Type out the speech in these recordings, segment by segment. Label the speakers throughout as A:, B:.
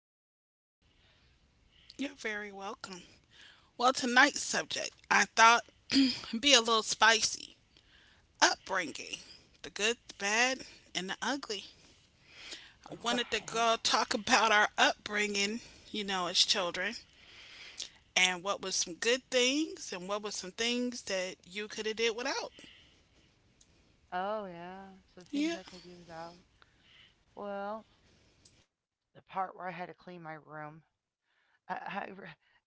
A: Miko Sinquay.
B: You're very welcome. Well, tonight's subject, I thought, be a little spicy. Upbringing, the good, the bad, and the ugly. I wanted to
A: Right.
B: go talk about our upbringing, you know, as children, and what was some good things, and what was some things that you could have did without.
A: Oh, yeah. Some things
B: Yeah.
A: I could do without. Well, the part where I had to clean my room, I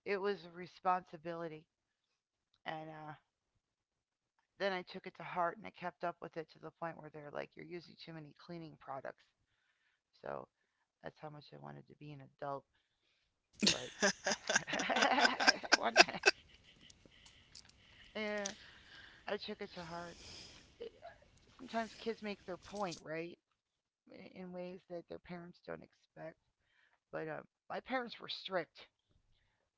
A: it was a responsibility. And then I took it to heart and I kept up with it to the point where they're like, you're using too many cleaning products. So that's how much I wanted to be an adult. But one, yeah, I took it to heart. It- Sometimes kids make their point, right? In ways that their parents don't expect. But my parents were strict.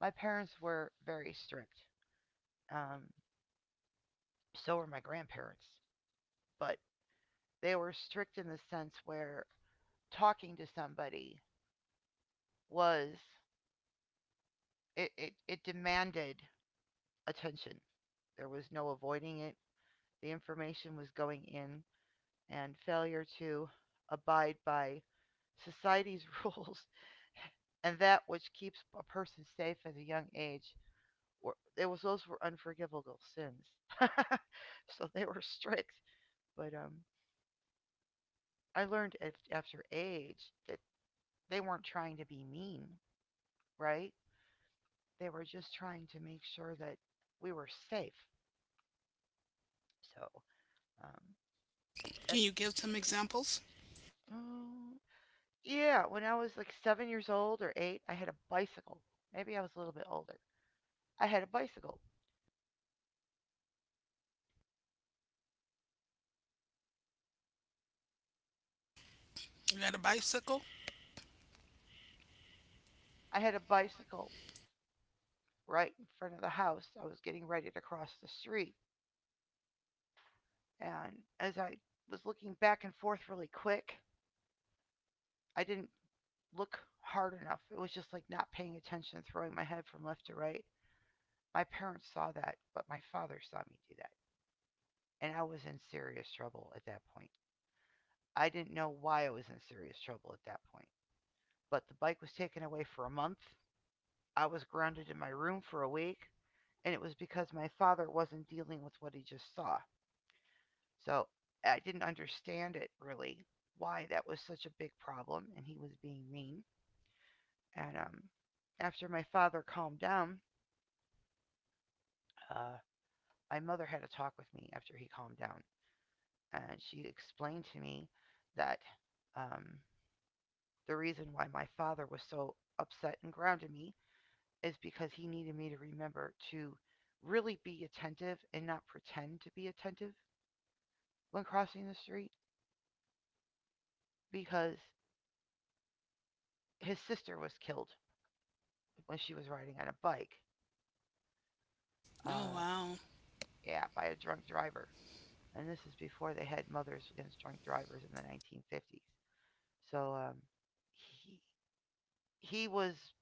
A: My parents were very strict. Um, so were my grandparents. But they were strict in the sense where talking to somebody was it demanded attention. There was no avoiding it. The information was going in, and failure to abide by society's rules and that which keeps a person safe at a young age were it was those were unforgivable sins. So they were strict. But I learned after age that they weren't trying to be mean, right? They were just trying to make sure that we were safe. So um,
B: Can
A: at,
B: you give some examples?
A: um, yeah, when I was like 7 years old or eight, I had a bicycle. Maybe I was a little bit older. I had a bicycle.
B: You had a bicycle?
A: I had a bicycle right in front of the house. I was getting ready to cross the street. And as I was looking back and forth really quick, I didn't look hard enough. It was just like not paying attention, throwing my head from left to right. My parents saw that, but my father saw me do that. And I was in serious trouble at that point. I didn't know why I was in serious trouble at that point. But the bike was taken away for a month. I was grounded in my room for a week, and it was because my father wasn't dealing with what he just saw. So I didn't understand it really why that was such a big problem, and he was being mean. And after my father calmed down, uh, my mother had a talk with me after he calmed down, and she explained to me that um, the reason why my father was so upset and grounded me is because he needed me to remember to really be attentive and not pretend to be attentive when crossing the street because his sister was killed when she was riding on a bike
B: Oh
A: uh,
B: wow.
A: yeah, by a drunk driver. And this is before they had mothers against drunk drivers in the 1950s. So he he was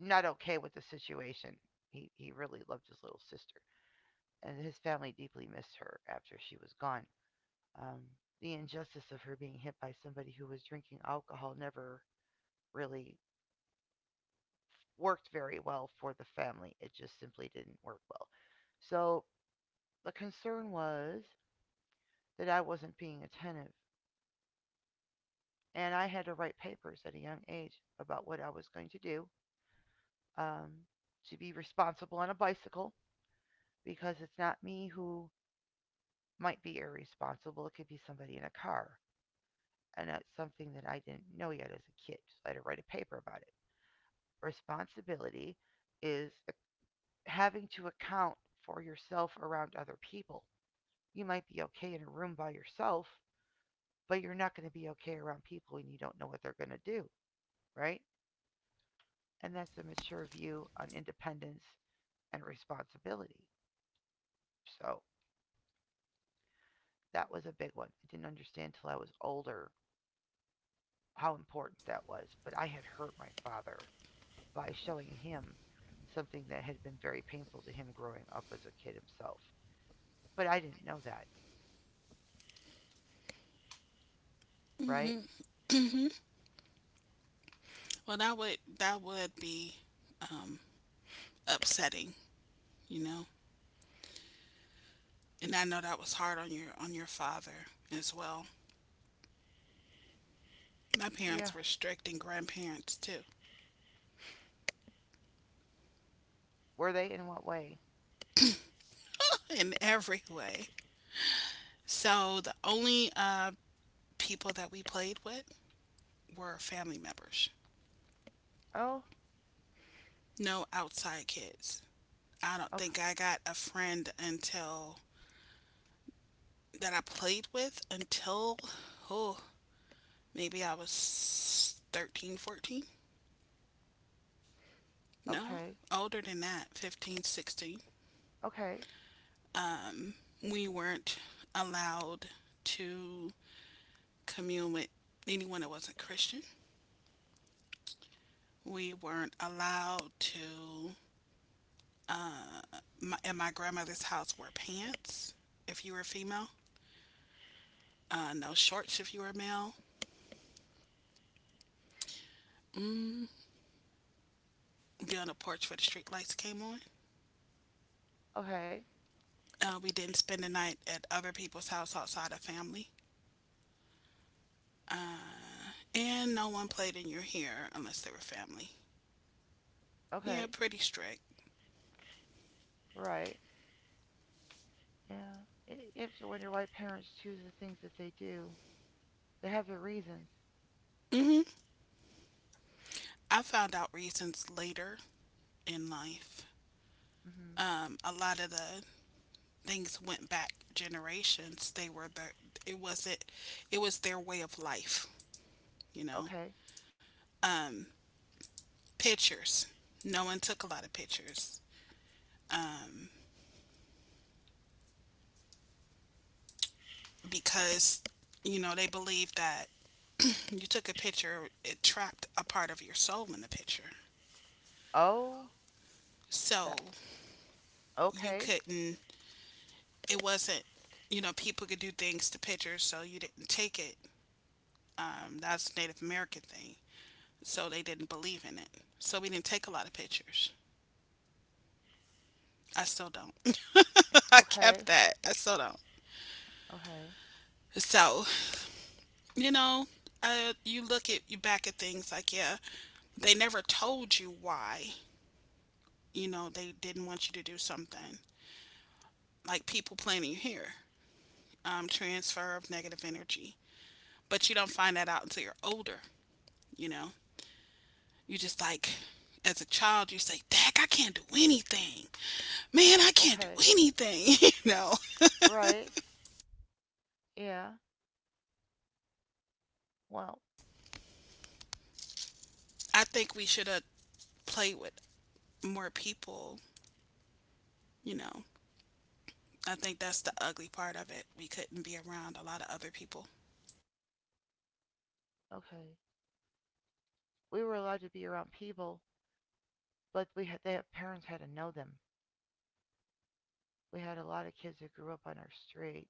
A: not okay with the situation. He really loved his little sister, and his family deeply missed her after she was gone. Um, the injustice of her being hit by somebody who was drinking alcohol never really worked very well for the family. It just simply didn't work well. So the concern was that I wasn't being attentive. And I had to write papers at a young age about what I was going to do, um, to be responsible on a bicycle because it's not me who might be irresponsible. It could be somebody in a car. And that's something that I didn't know yet as a kid. So I had to write a paper about it. Responsibility is having to account for yourself around other people. You might be okay in a room by yourself, but you're not going to be okay around people and you don't know what they're going to do, right? And that's a mature view on independence and responsibility. So that was a big one. I didn't understand till I was older how important that was, but I had hurt my father by showing him something that had been very painful to him growing up as a kid himself. But I didn't know that, right?
B: Well, that would be um, upsetting, you know. And I know that was hard on your father as well. My
A: Yeah.
B: parents were strict and grandparents too.
A: Were they in what way?
B: In every way. So the only people that we played with were family members.
A: Oh,
B: No outside kids. I don't
A: okay,
B: think I got a friend until that I played with until oh, maybe I was 13, 14. No,
A: okay,
B: older than that, 15, 16.
A: okay,
B: We weren't allowed to commune with anyone that wasn't Christian. We weren't allowed to. My, at my grandmother's house, wear pants if you were female, no shorts if you were male. Be on the porch where the street lights came on.
A: okay,
B: We didn't spend the night at other people's house outside of family, and no one played in your hair unless they were family.
A: okay,
B: Yeah, pretty strict.
A: right. Yeah. It, it's when your white parents choose the things that they do, they have their reasons.
B: Hmm. I found out reasons later in life.
A: Hmm.
B: A lot of the things went back generations, they were the it wasn't it was their way of life, you know.
A: Okay.
B: Pictures. No one took a lot of pictures um, because, you know, they believed that you took a picture, it trapped a part of your soul in the picture.
A: Oh,
B: So
A: that
B: you
A: okay.
B: couldn't. It wasn't. You know, people could do things to pictures, so you didn't take it. That's a Native American thing. So they didn't believe in it. So we didn't take a lot of pictures. I still don't. I kept
A: Okay.
B: that. I still don't.
A: Okay.
B: So, you know, you look at you back at things like, yeah, they never told you why, you know, they didn't want you to do something. Like people planting planning here, transfer of negative energy. But you don't find that out until you're older, you know. You just like, as a child, you say, Dak, I can't do anything. Man, I can't do
A: Okay.
B: anything, you know.
A: Right. Yeah. Well,
B: I think we should have played with more people, you know, I think that's the ugly part of it. We couldn't be around a lot of other people.
A: okay. We were allowed to be around people, but we had, their parents had to know them. We had a lot of kids that grew up on our street,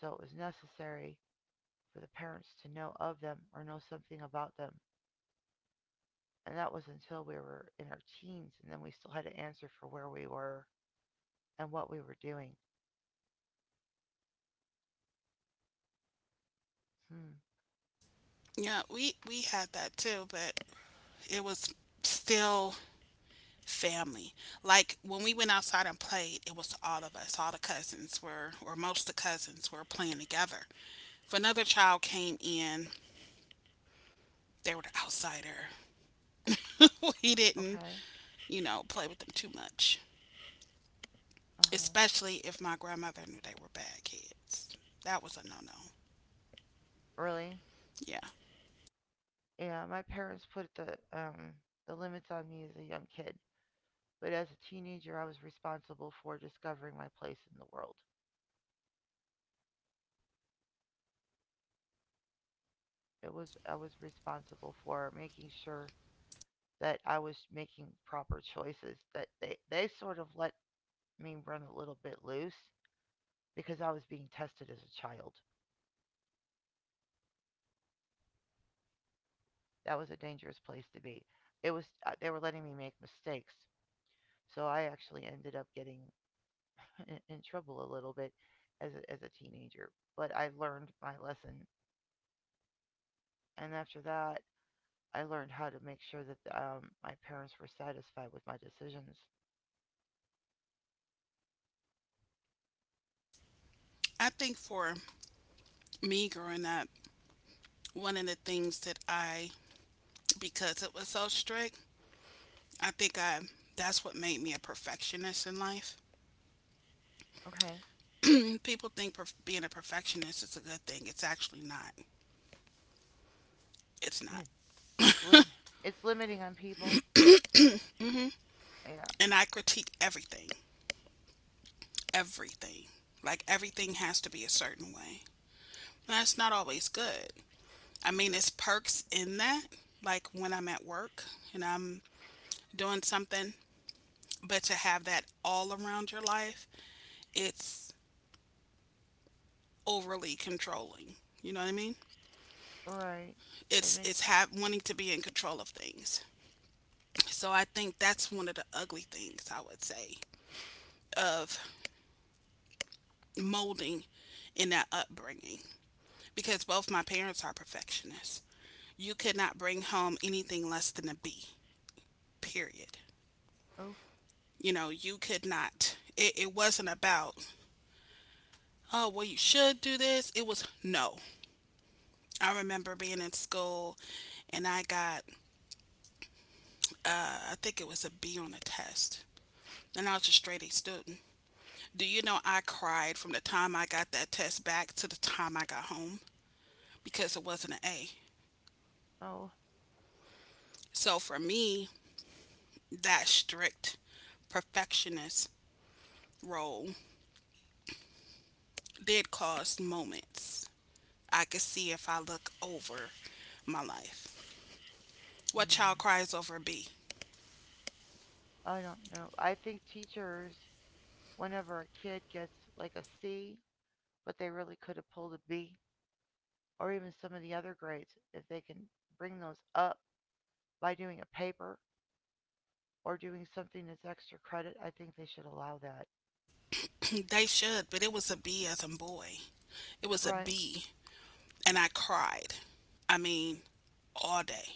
A: so it was necessary for the parents to know of them or know something about them. And that was until we were in our teens, and then we still had to answer for where we were and what we were doing. Hmm.
B: Yeah, we had that too, but it was still family. Like when we went outside and played, it was all of us. All the cousins were, or most of the cousins were playing together. If another child came in, they were the outsider. We didn't,
A: Okay.
B: you know, play with them too much,
A: Uh huh.
B: especially if my grandmother knew they were bad kids. That was a no no.
A: Really?
B: Yeah.
A: Yeah. My parents put the limits on me as a young kid. But as a teenager, I was responsible for discovering my place in the world. It was I was responsible for making sure that I was making proper choices. That they sort of let me run a little bit loose because I was being tested as a child. That was a dangerous place to be. It was they were letting me make mistakes. So I actually ended up getting in trouble a little bit as a teenager. But I learned my lesson. And after that, I learned how to make sure that my parents were satisfied with my decisions.
B: I think for me growing up, one of the things that I, because it was so strict, I think I that's what made me a perfectionist in life.
A: Okay,
B: And people think being a perfectionist is a good thing. It's actually not. It's not.
A: it's lim it's limiting on people. Yeah,
B: And I critique everything, everything. Like everything has to be a certain way. And that's not always good. I mean, it's perks in that, like when I'm at work and I'm doing something, but to have that all around your life, it's overly controlling. You know what I mean?
A: all right. It
B: it's
A: makes
B: it's have wanting to be in control of things. So I think that's one of the ugly things I would say of molding in that upbringing because both my parents are perfectionists. You could not bring home anything less than a B. Period.
A: oh
B: You know, you could not. It wasn't about oh well you should do this. It was no. I remember being in school and I got I think it was a B on a test and I was a straight A student. Do you know I cried from the time I got that test back to the time I got home because it wasn't an A.
A: oh.
B: So for me, that strict perfectionist role did cause moments. I could see if I look over my life. What child
A: Hmm.
B: cries over a B?
A: I don't know. I think teachers, whenever a kid gets like a C, but they really could have pulled a B, or even some of the other grades, if they can bring those up by doing a paper or doing something that's extra credit, I think they should allow that.
B: They should, but it was a B as in boy. It was a
A: Right.
B: B, and I cried. I mean, all day.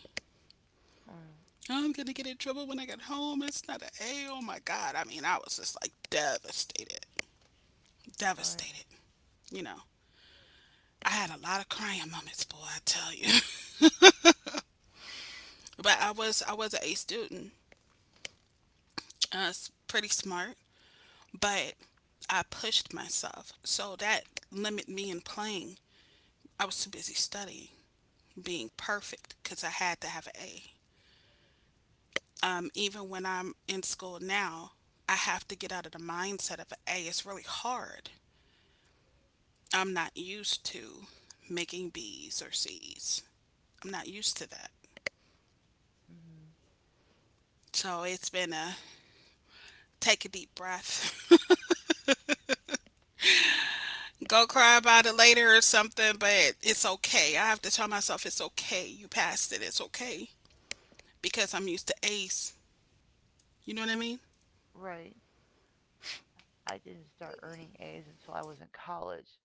A: Mm,
B: I'm gonna get in trouble when I get home. It's not an A. Hey, oh my God. I mean, I was just like devastated.
A: right.
B: Devastated. You know, I had a lot of crying moments, boy, I tell you. But I was an A student. I was pretty smart, but I pushed myself. So that limited me in playing. I was too busy studying, being perfect, because I had to have an A. Even when I'm in school now, I have to get out of the mindset of an A. It's really hard. I'm not used to making B's or C's. I'm not used to that.
A: Hmm.
B: So it's been a take a deep breath, go cry about it later or something, but it's okay. I have to tell myself it's okay. You passed it. It's okay because I'm used to A's. You know what I mean?
A: Right. I didn't start earning A's until I was in college.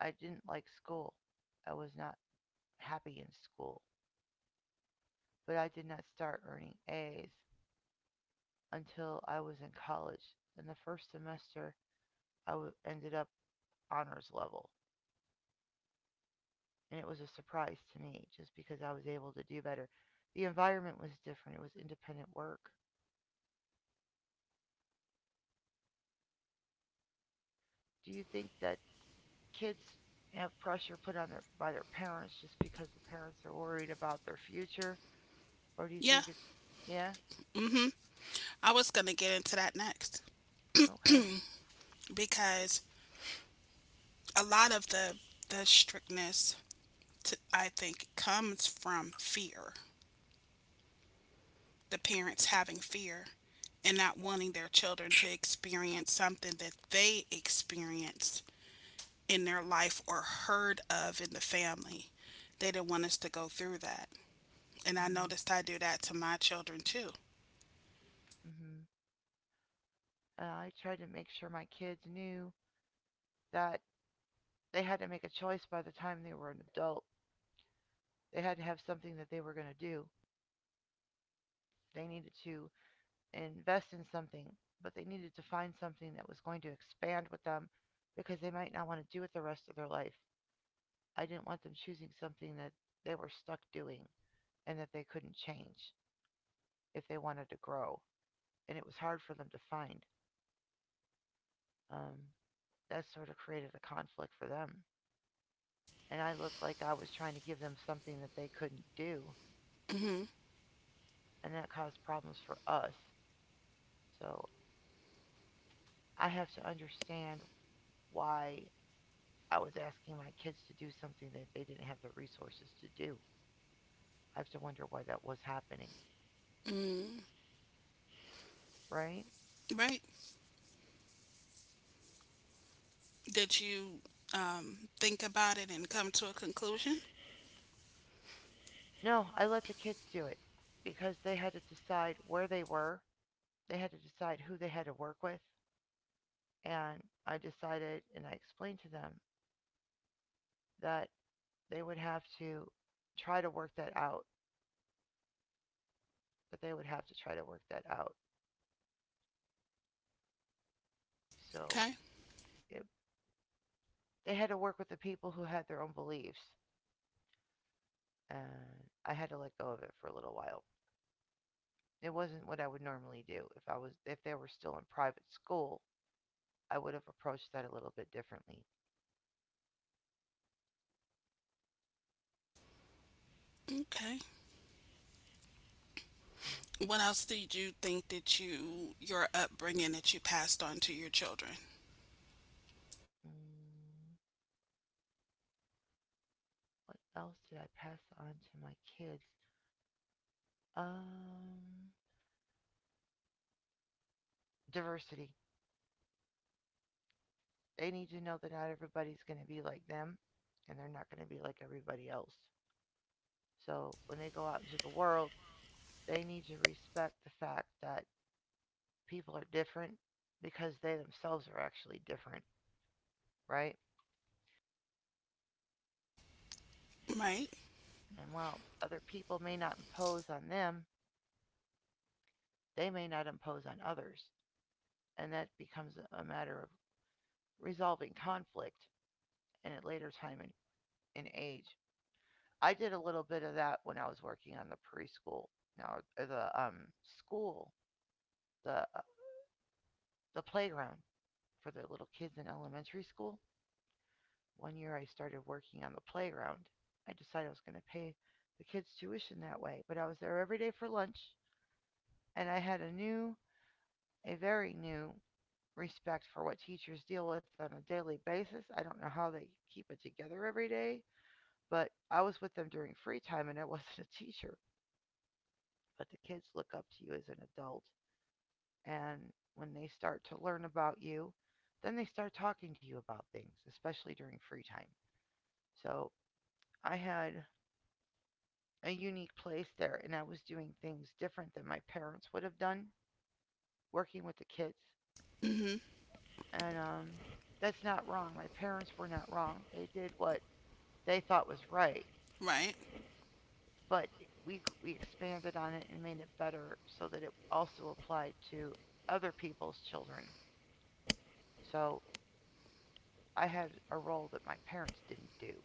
A: I didn't like school. I was not happy in school. But I did not start earning A's until I was in college. In the first semester, I ended up honors level. And it was a surprise to me just because I was able to do better. The environment was different, it was independent work. Do you think that kids have pressure put on their by their parents just because the parents are worried about their future? Or do you
B: Yeah.
A: think it's yeah,
B: Mhm. I was going to get into that next
A: okay.
B: because a lot of the strictness to, I think comes from fear. The parents having fear and not wanting their children to experience something that they experienced in their life or heard of in the family. They didn't want us to go through that. And I
A: Hmm.
B: noticed I do that to my children too.
A: Hmm. I tried to make sure my kids knew that they had to make a choice by the time they were an adult. They had to have something that they were going to do. They needed to invest in something, but they needed to find something that was going to expand with them because they might not want to do it the rest of their life. I didn't want them choosing something that they were stuck doing and that they couldn't change if they wanted to grow. And it was hard for them to find. Um, that sort of created a conflict for them. And I looked like I was trying to give them something that they couldn't do,
B: Hmm.
A: and that caused problems for us. So I have to understand why I was asking my kids to do something that they didn't have the resources to do. I have to wonder why that was happening,
B: Mm.
A: right?
B: Right? Did you think about it and come to a conclusion?
A: No, I let the kids do it because they had to decide where they were, they had to decide who they had to work with, and I decided and I explained to them that they would have to try to work that out, that they would have to try to work that out. So
B: Okay.
A: it, they had to work with the people who had their own beliefs. And I had to let go of it for a little while. It wasn't what I would normally do. If I was if they were still in private school, I would have approached that a little bit differently.
B: Okay. What else did you think that you, your upbringing that you passed on to your children?
A: Mm, what else did I pass on to my kids? Um, Diversity. They need to know that not everybody's going to be like them and they're not going to be like everybody else. So when they go out into the world, they need to respect the fact that people are different because they themselves are actually different, right?
B: Right?
A: And while other people may not impose on them, they may not impose on others. And that becomes matter of resolving conflict. And at later time in age. I did a little bit of that when I was working on the preschool, now the school, the uh, the playground for the little kids in elementary school. One year I started working on the playground. I decided I was going to pay the kids' tuition that way, but I was there every day for lunch, and I had a new, a very new respect for what teachers deal with on a daily basis. I don't know how they keep it together every day, but I was with them during free time and I wasn't a teacher. But the kids look up to you as an adult, and when they start to learn about you, then they start talking to you about things, especially during free time. So I had a unique place there, and I was doing things different than my parents would have done working with the kids.
B: Hmm.
A: And That's not wrong. My parents were not wrong. They did what they thought was right,
B: Right.
A: but we expanded on it and made it better so that it also applied to other people's children. So I had a role that my parents didn't do.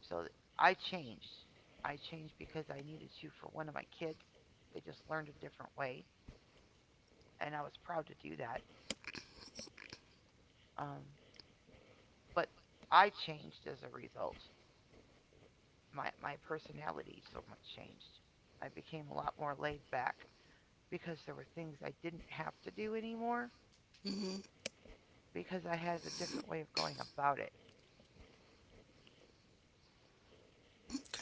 A: So I changed. I changed because I needed to for one of my kids. They just learned a different way, and I was proud to do that. Um, but I changed as a result. My personality so much changed. I became a lot more laid back because there were things I didn't have to do anymore because I had a different way of going about it.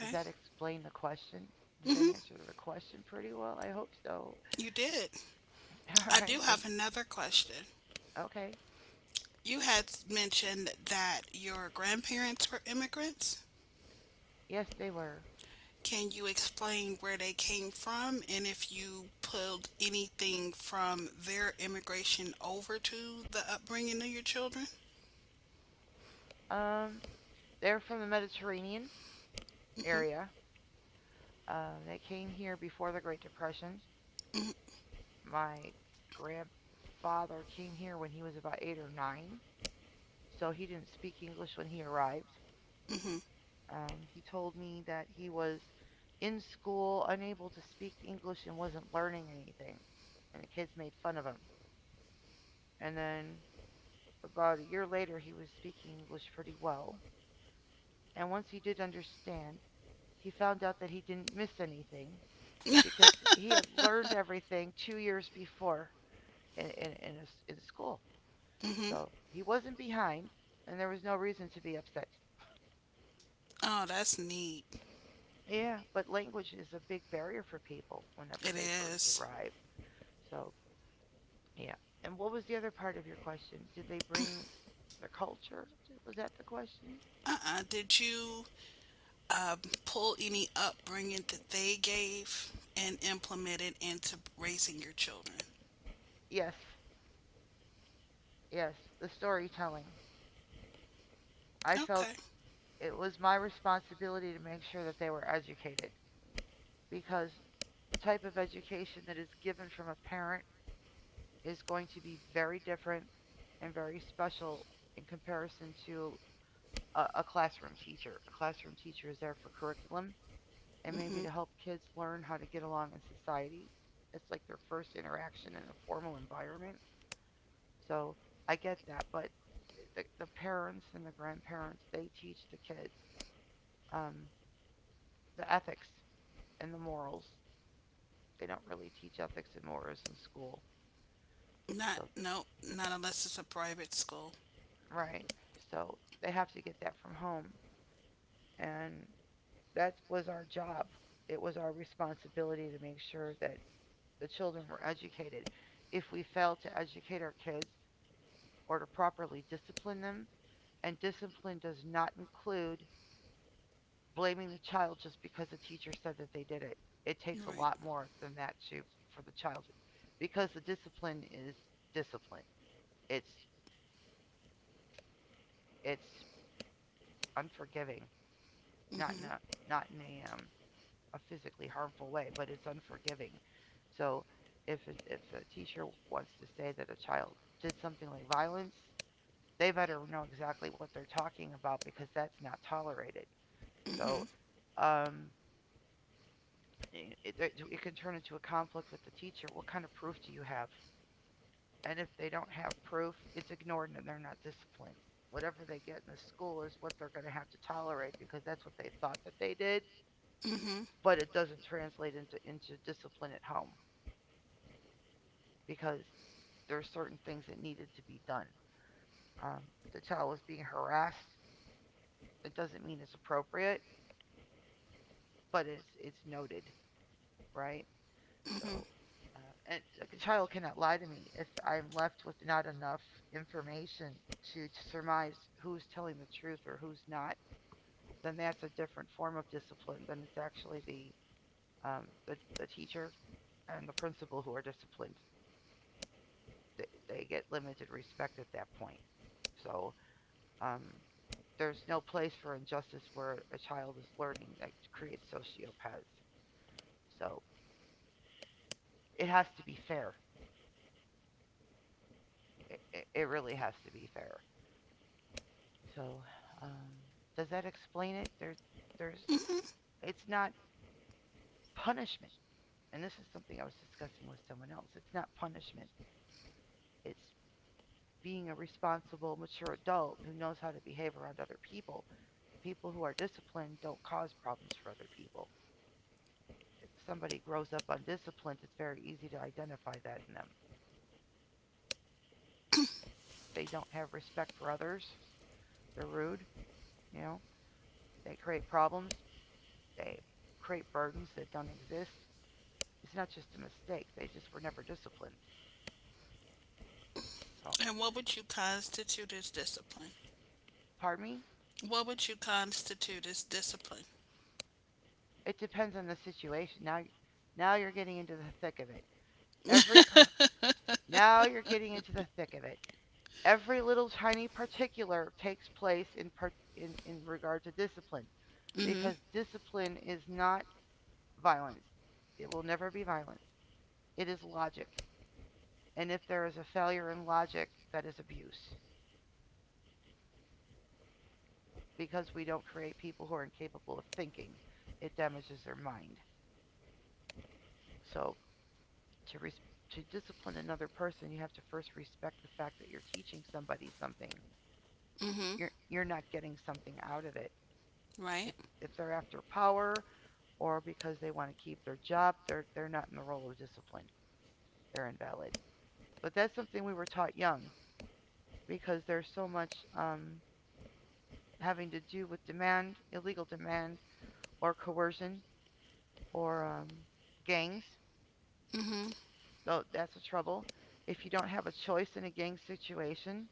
A: Does that explain the question? Does that answer the question pretty well? I hope so.
B: You did.
A: All
B: I
A: right,
B: do
A: thank.
B: have another question.
A: Okay.
B: You had mentioned that your grandparents were immigrants.
A: Yes, they were.
B: Can you explain where they came from and if you pulled anything from their immigration over to the upbringing of your children?
A: Um, they're from the Mediterranean area. They came here before the Great Depression. My grandfather came here when he was about 8 or 9, so he didn't speak English when he arrived.
B: Mhm.
A: He told me that he was in school, unable to speak English, and wasn't learning anything. And the kids made fun of him. And then about a year later, he was speaking English pretty well. And once he did understand, he found out that he didn't miss anything because he had learned everything 2 years before in, a s in school.
B: Mhm.
A: So he wasn't behind, and there was no reason to be upset.
B: Oh, that's neat.
A: Yeah, but language is a big barrier for people whenever
B: It
A: they first
B: is.
A: arrive. So, yeah. And what was the other part of your question? Did they bring their culture? Was that the question?
B: Uh-uh. Did you pull any upbringing that they gave and implement it into raising your children?
A: Yes, yes, the storytelling. I felt
B: Okay.
A: it was my responsibility to make sure that they were educated because the type of education that is given from a parent is going to be very different and very special in comparison to a classroom teacher. A classroom teacher is there for curriculum and maybe
B: Mm-hmm.
A: to help kids learn how to get along in society. It's like their first interaction in a formal environment. So I get that, but the parents and the grandparents, they teach the kids um, the ethics and the morals. They don't really teach ethics and morals in school.
B: Not
A: So,
B: no, not unless it's a private school.
A: right. So they have to get that from home. And that was our job. It was our responsibility to make sure that the children were educated. If we fail to educate our kids or to properly discipline them, and discipline does not include blaming the child just because the teacher said that they did it. It takes a
B: Right.
A: lot more than that to for the child because the discipline is discipline. It's it's unforgiving, not
B: Mhm.
A: not not in a physically harmful way, but it's unforgiving. So if a teacher wants to say that a child did something like violence, they better know exactly what they're talking about because that's not tolerated. So
B: Mhm.
A: um, it can turn into a conflict with the teacher. What kind of proof do you have? And if they don't have proof, it's ignored and they're not disciplined. Whatever they get in the school is what they're going to have to tolerate because that's what they thought that they did,
B: Mhm.
A: but it doesn't translate into discipline at home because there are certain things that needed to be done. Um, the child was being harassed. It doesn't mean it's appropriate, but it's noted, right?
B: Mhm.
A: So, uh, and like a child cannot lie to me if I'm left with not enough information to surmise who's telling the truth or who's not. Then that's a different form of discipline than it's actually the the teacher and the principal who are disciplined. They get limited respect at that point. So Um, there's no place for injustice where a child is learning that creates sociopaths. So it has to be fair. It really has to be fair. So um, does that explain it? There's it's not punishment, and this is something I was discussing with someone else. It's not punishment. It's being a responsible, mature adult who knows how to behave around other people. People who are disciplined don't cause problems for other people. If somebody grows up undisciplined, it's very easy to identify that in them. They don't have respect for others. They're rude. You know, they create problems. They create burdens that don't exist. It's not just a mistake. They just were never disciplined. So,
B: And what would you constitute as discipline?
A: pardon me.
B: What would you constitute as discipline?
A: It depends on the situation. Now, now you're getting into the thick of it. Every now you're getting into the thick of it. Every little tiny particular takes place in part in regard to discipline,
B: Mhm.
A: because discipline is not violence. It will never be violence. It is logic. And if there is a failure in logic, that is abuse because we don't create people who are incapable of thinking. It damages their mind. So to res- to discipline another person, you have to first respect the fact that you're teaching somebody something.
B: Mhm.
A: You're not getting something out of it.
B: Right.
A: If if they're after power or because they want to keep their job, they're not in the role of discipline. They're invalid. But that's something we were taught young because there's so much um, having to do with demand, illegal demand, or coercion, or gangs.
B: Mhm.
A: Though that's the trouble. If you don't have a choice in a gang situation,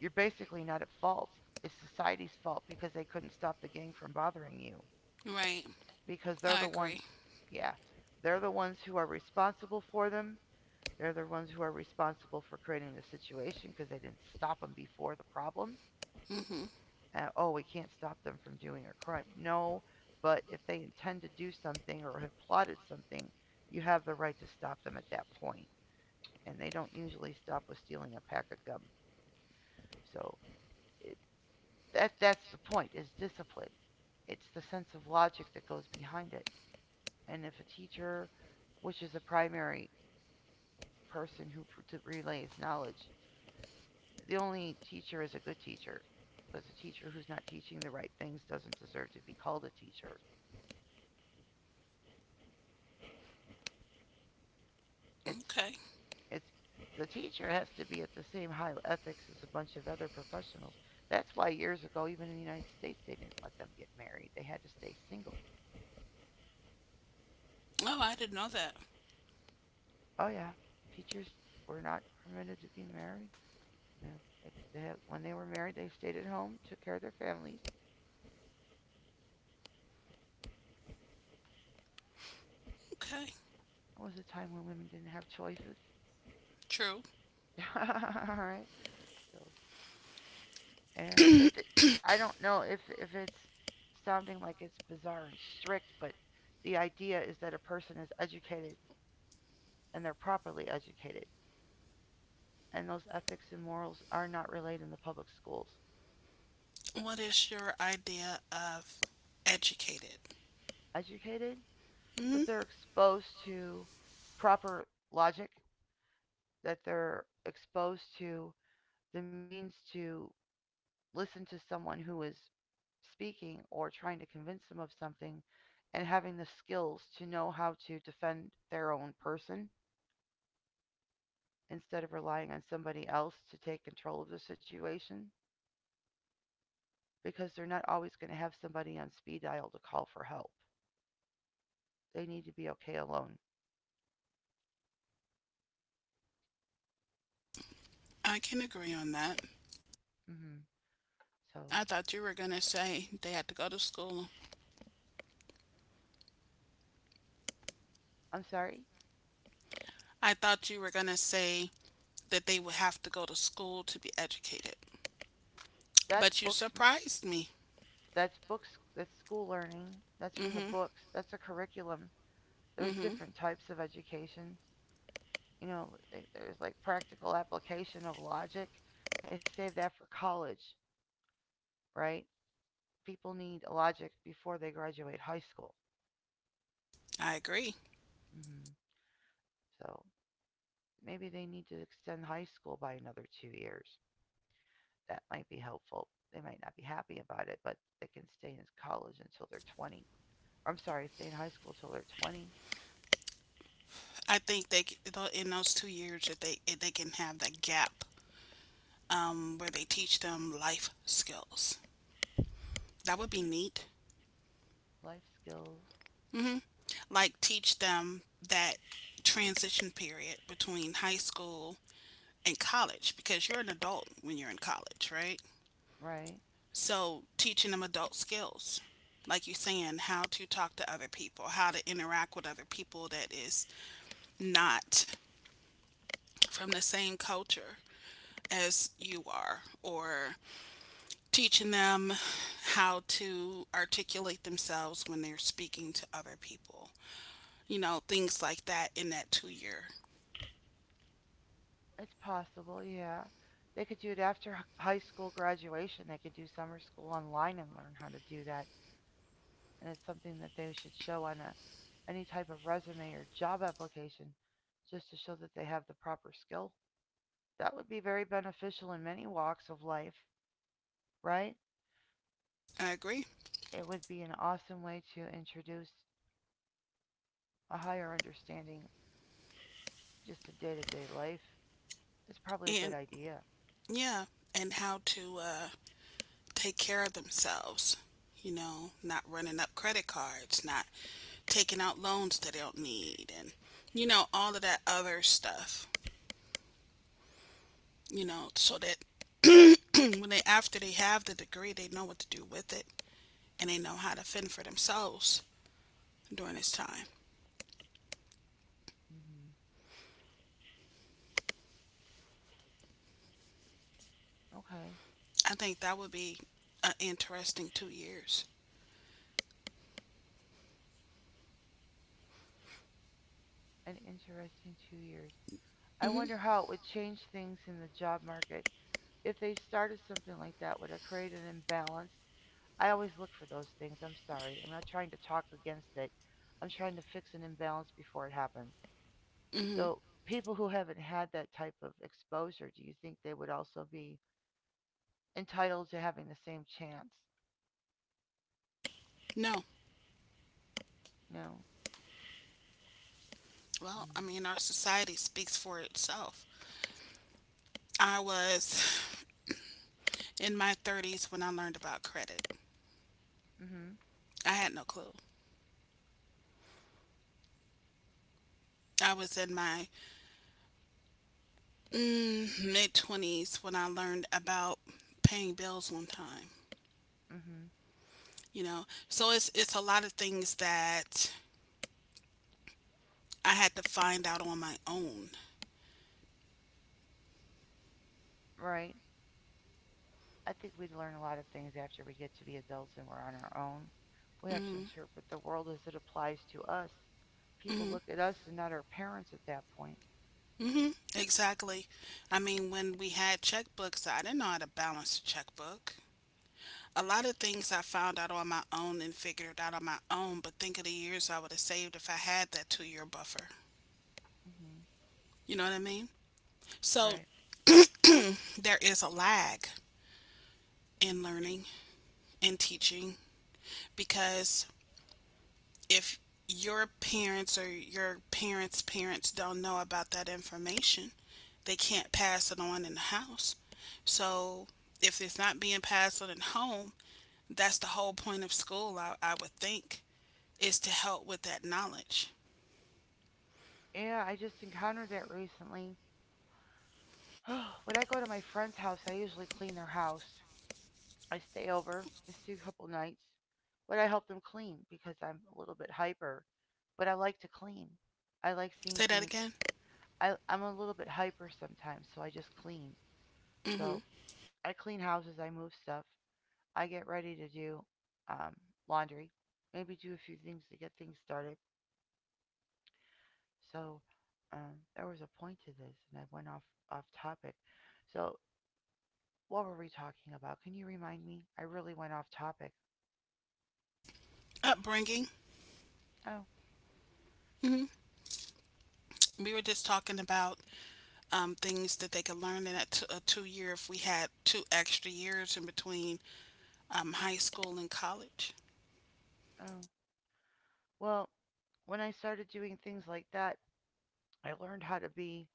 A: you're basically not at fault. It's society's fault because they couldn't stop the gang from bothering you.
B: Right.
A: Because they're
B: I
A: the ones,
B: agree.
A: yeah, they're the ones who are responsible for them. They're the ones who are responsible for creating the situation because they didn't stop them before the problem.
B: Mhm.
A: Oh, we can't stop them from doing a crime. No, but if they intend to do something or have plotted something, you have the right to stop them at that point. And they don't usually stop with stealing a pack of gum. So it, that's the point is discipline. It's the sense of logic that goes behind it. And if a teacher, which is a primary person to relays knowledge, the only teacher is a good teacher because a teacher who's not teaching the right things doesn't deserve to be called a teacher. It's
B: Okay.
A: It's the teacher has to be at the same high ethics as a bunch of other professionals. That's why years ago, even in the United States, they didn't let them get married. They had to stay single.
B: Oh, I didn't know that.
A: Oh yeah, teachers were not permitted to be married. Yeah, they had, when they were married, they stayed at home, took care of their families.
B: Okay.
A: It was a time when women didn't have choices.
B: True.
A: All right. So yeah, it. I don't know if it's sounding like it's bizarre and strict, but the idea is that a person is educated and they're properly educated, and those ethics and morals are not relayed in the public schools.
B: What is your idea of educated?
A: Educated,
B: Mhm.
A: that they're exposed to proper logic, that they're exposed to the means to listen to someone who is speaking or trying to convince them of something and having the skills to know how to defend their own person instead of relying on somebody else to take control of the situation because they're not always going to have somebody on speed dial to call for help. They need to be okay alone.
B: I can agree on that.
A: Hmm. So
B: I thought you were going to say they had to go to school.
A: I'm sorry.
B: I thought you were going to say that they would have to go to school to be educated.
A: That's
B: But you
A: books.
B: surprised me.
A: That's books. That's school learning. That's from the
B: Mhm.
A: books. That's a curriculum. There's
B: Mhm.
A: different types of education. You know, there's like practical application of logic. They save that for college, right? People need logic before they graduate high school.
B: I agree.
A: Hmm. So maybe they need to extend high school by another 2 years. That might be helpful. They might not be happy about it, but they can stay in college until they're 20. I'm sorry, stay in high school till they're 20.
B: I think they c- in those 2 years that they if they can have that gap where they teach them life skills. That would be neat.
A: Life skills,
B: Like teach them that transition period between high school and college because you're an adult when you're in college, right?
A: right?
B: So teaching them adult skills like you're saying, how to talk to other people, how to interact with other people that is not from the same culture as you are or teaching them how to articulate themselves when they're speaking to other people. You know, things like that in that 2 year.
A: It's possible, yeah. They could do it after high school graduation. They could do summer school online and learn how to do that. And it's something that they should show on a, any type of resume or job application just to show that they have the proper skill. That would be very beneficial in many walks of life, right?
B: I agree.
A: It would be an awesome way to introduce a higher understanding just in day to day life. It's probably a good
B: And
A: idea.
B: yeah, and how to take care of themselves. You know, not running up credit cards, not taking out loans they don't need, and you know, all of that other stuff. You know, so that when they after they have the degree, they know what to do with it and they know how to fend for themselves during this time.
A: Hmm. Okay.
B: I think that would be an interesting 2 years.
A: An interesting 2 years. I
B: Hmm.
A: wonder how it would change things in the job market if they started something like that. Would it create an imbalance? I always look for those things. I'm sorry. I'm not trying to talk against it. I'm trying to fix an imbalance before it happens.
B: Hmm.
A: So, people who haven't had that type of exposure, do you think they would also be entitled to having the same chance?
B: No,
A: No.
B: well,
A: Mm.
B: I mean, our society speaks for itself. I was in my 30s when I learned about credit.
A: Mhm.
B: I had no clue. I was in my mid 20s when I learned about paying bills one time.
A: mm Mhm.
B: You know, so it's a lot of things that I had to find out on my own.
A: Right. I think we learn a lot of things after we get to be adults and we're on our own. We have to interpret the world as it applies to us. People look at us and not our parents at that point.
B: Hmm. Exactly. I mean, when we had checkbooks, I didn't know how to balance a checkbook. A lot of things I found out on my own and figured out on my own, but think of the years I would have saved if I had that 2 year buffer.
A: Hmm.
B: You know what I mean? So
A: Right.
B: there is a lag in learning and teaching because if your parents or your parents' parents don't know about that information, they can't pass it on in the house. So if it's not being passed on at home, that's the whole point of school, I would think, is to help with that knowledge.
A: Yeah, I just encountered that recently. When I go to my friend's house, I usually clean their house. I stay over, I stay a couple nights, but I help them clean because I'm a little bit hyper. But I
B: Say that
A: like to
B: again.
A: clean. I like seeing things. I'm a little bit hyper sometimes, so I just clean.
B: Mm-hmm.
A: So I clean houses, I move stuff, I get ready to do um, laundry, maybe do a few things to get things started. So there was a point to this, and I went off topic. So what were we talking about? Can you remind me? I really went off topic.
B: Upbringing.
A: Oh,
B: Mm-hmm. We were just talking about things that they could learn in a 2-year if we had two extra years in between high school and college.
A: oh. Well, when I started doing things like that, I learned how to be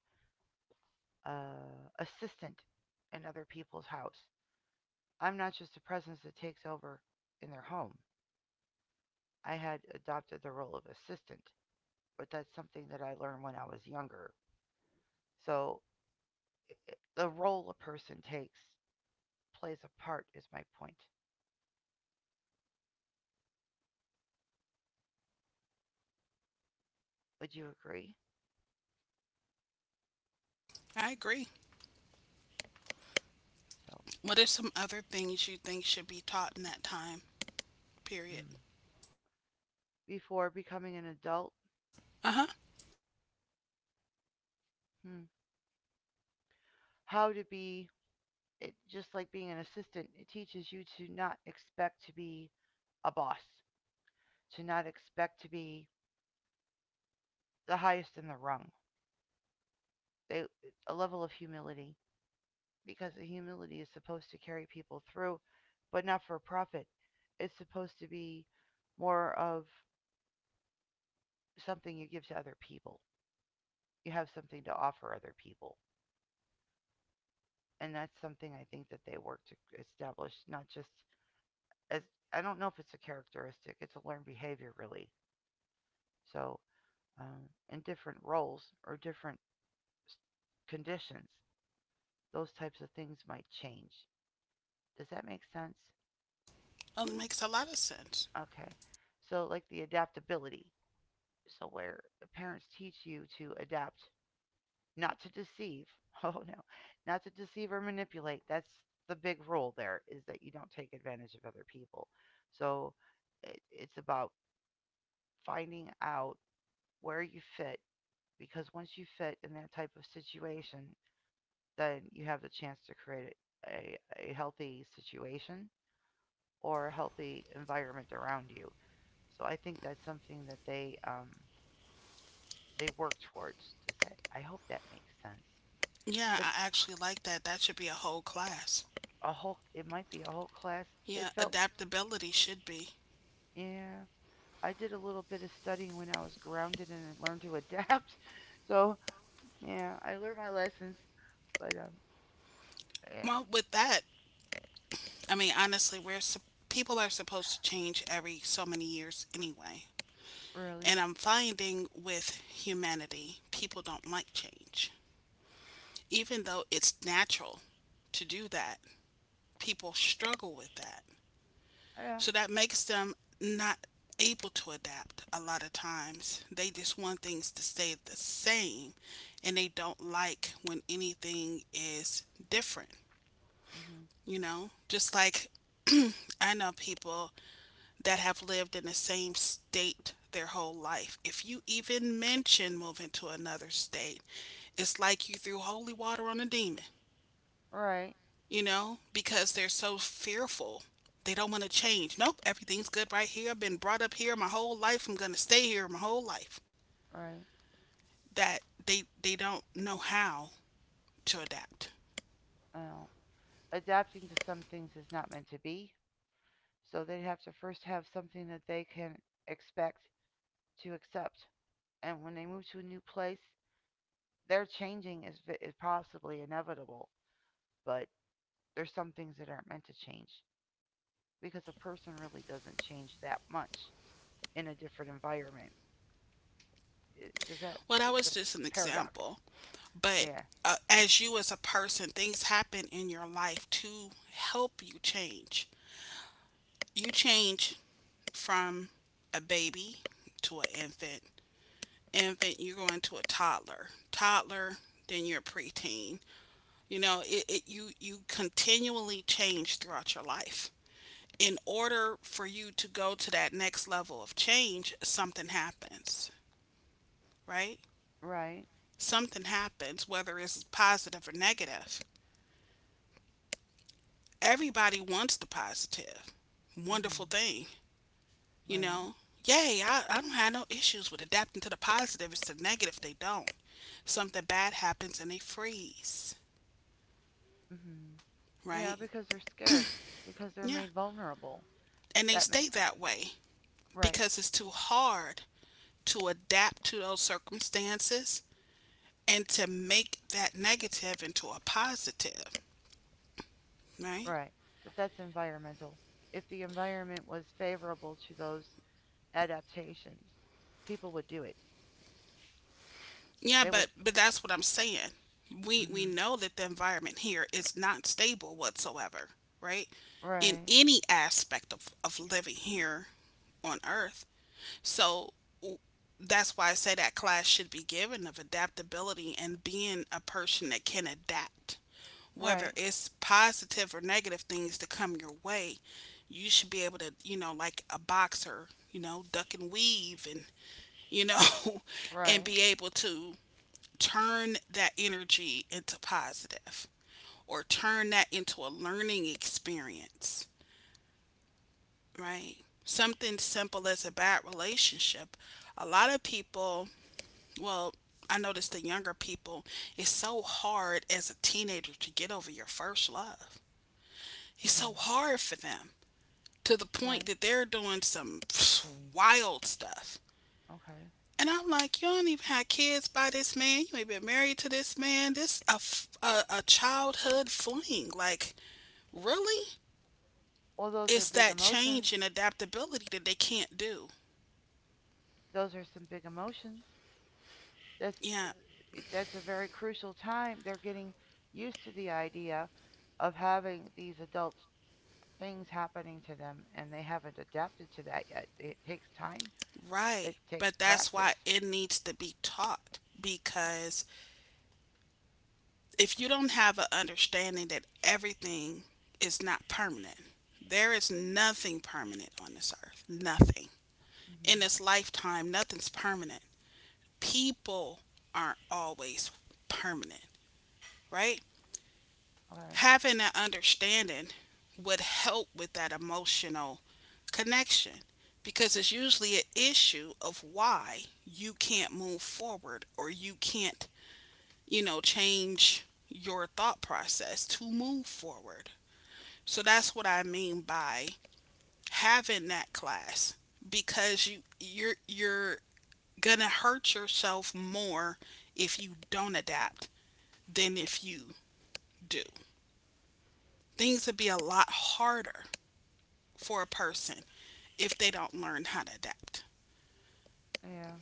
A: uh, assistant in other people's house. I'm not just a presence that takes over in their home. I had adopted the role of assistant. But that's something that I learned when I was younger. So the role a person takes plays a part, is my point. Would you agree?
B: I agree.
A: So,
B: What are some other things you think should be taught in that time
A: mm.
B: period?
A: before becoming an adult,
B: Uh huh.
A: hmm, how to be, just like being an assistant, it teaches you to not expect to be a boss, to not expect to be the highest in the rung. They, a level of humility, because the humility is supposed to carry people through, but not for profit. It's supposed to be more of something you give to other people. You have something to offer other people. And that's something I think that they work to establish, not just as I don't know if it's a characteristic, it's a learned behavior, really. So, in different roles or different conditions, those types of things might change. Does that make sense?
B: Oh, it makes a lot of sense.
A: Okay. So, like the adaptability. So, where the parents teach you to adapt not to deceive. Oh no, not to deceive or manipulate. That's the big rule there is that you don't take advantage of other people. So it's about finding out where you fit because once you fit in that type of situation, then you have the chance to create a healthy situation or a healthy environment around you. So I think that's something that they work towards. Does that? I hope that makes sense.
B: Yeah,
A: But
B: I actually like that. That should be a whole class.
A: a whole it might be a whole class. It
B: Yeah,
A: felt
B: adaptability should be.
A: Yeah, I did a little bit of studying when I was grounded and learned to adapt. So yeah, I learned my lessons. But yeah.
B: Well, with that, I mean, honestly, people are supposed to change every so many years anyway.
A: Really?
B: And I'm finding with humanity, people don't like change. Even though it's natural to do that, people struggle with that.
A: Yeah.
B: So that makes them not able to adapt a lot of times. They just want things to stay the same, and they don't like when anything is different,
A: Hmm.
B: you know? Just like I know people that have lived in the same state their whole life. If you even mention moving to another state, it's like you threw holy water on a demon.
A: Right.
B: Because they're so fearful. They don't want to change. Nope, everything's good right here. I've been brought up here my whole life. I'm going to stay here my whole life.
A: Right.
B: That they don't know how to adapt.
A: Well, adapting to some things is not meant to be, so they'd have to first have something that they can expect to accept, and when they move to a new place, their changing is possibly inevitable. But there's some things that aren't meant to change because a person really doesn't change that much in a different environment. Does that?
B: Well, that
A: It's a
B: was just an
A: paradox.
B: example, but
A: Yeah.
B: as you as a person, things happen in your life to help you change. You change from a baby to an infant. Infant, you go into a toddler. Toddler, then you're a preteen. You know, it you continually change throughout your life. In order for you to go to that next level of change, something happens, right?
A: Right.
B: Something happens, whether it's positive or negative. Everybody wants the positive. Wonderful
A: Mhm.
B: thing, you
A: Right.
B: know. Yay, I don't have no issues with adapting to the positive. It's the negative they don't. Something bad happens and they freeze,
A: Mhm. Yeah,
B: right?
A: because they're scared because they're
B: Yeah.
A: made vulnerable.
B: And they
A: That ma-
B: stay that way
A: right.
B: because it's too hard to adapt to those circumstances and to make that negative into a positive, right?
A: Right. But that's environmental. If the environment was favorable to those adaptations, people would do it.
B: Yeah,
A: They would.
B: but that's what I'm saying. We
A: Mhm.
B: know that the environment here is not stable whatsoever, right? In
A: Right.
B: any aspect of living here on earth. So w- that's why I say that class should be given of adaptability and being a person that can adapt, whether
A: Right.
B: it's positive or negative things to come your way. You should be able to, like a boxer, duck and weave and, you know, and
A: Right.
B: be able to turn that energy into positive, or turn that into a learning experience, right? Something simple as a bad relationship. A lot of people, well, I notice the younger people, it's so hard as a teenager to get over your first love. It's so
A: Mhm.
B: hard for them to the point
A: Right.
B: that they're doing some wild stuff.
A: Okay.
B: And I'm like, you don't even have kids by this man. You ain't been married to this man. This a childhood fling. Like, really?
A: Well, those are
B: It's
A: big
B: that
A: emotions.
B: change and adaptability that they can't do.
A: Those are some big emotions. That's
B: Yeah,
A: that's a very crucial time. They're getting used to the idea of having these adult things happening to them, and they haven't adapted to that yet. It takes time.
B: right.
A: It takes
B: But that's why
A: practice.
B: it needs to be taught, because if you don't have an understanding that everything is not permanent, there is nothing permanent on this earth. Nothing. In
A: Hmm.
B: this lifetime, nothing's permanent. People aren't always permanent, right?
A: Okay.
B: Having an understanding would help with that emotional connection, because it's usually an issue of why you can't move forward, or you can't, change your thought process to move forward. So that's what I mean by having that class, because you're going to hurt yourself more if you don't adapt than if you do. Things would be a lot harder for a person if they don't learn how to adapt.
A: Yeah.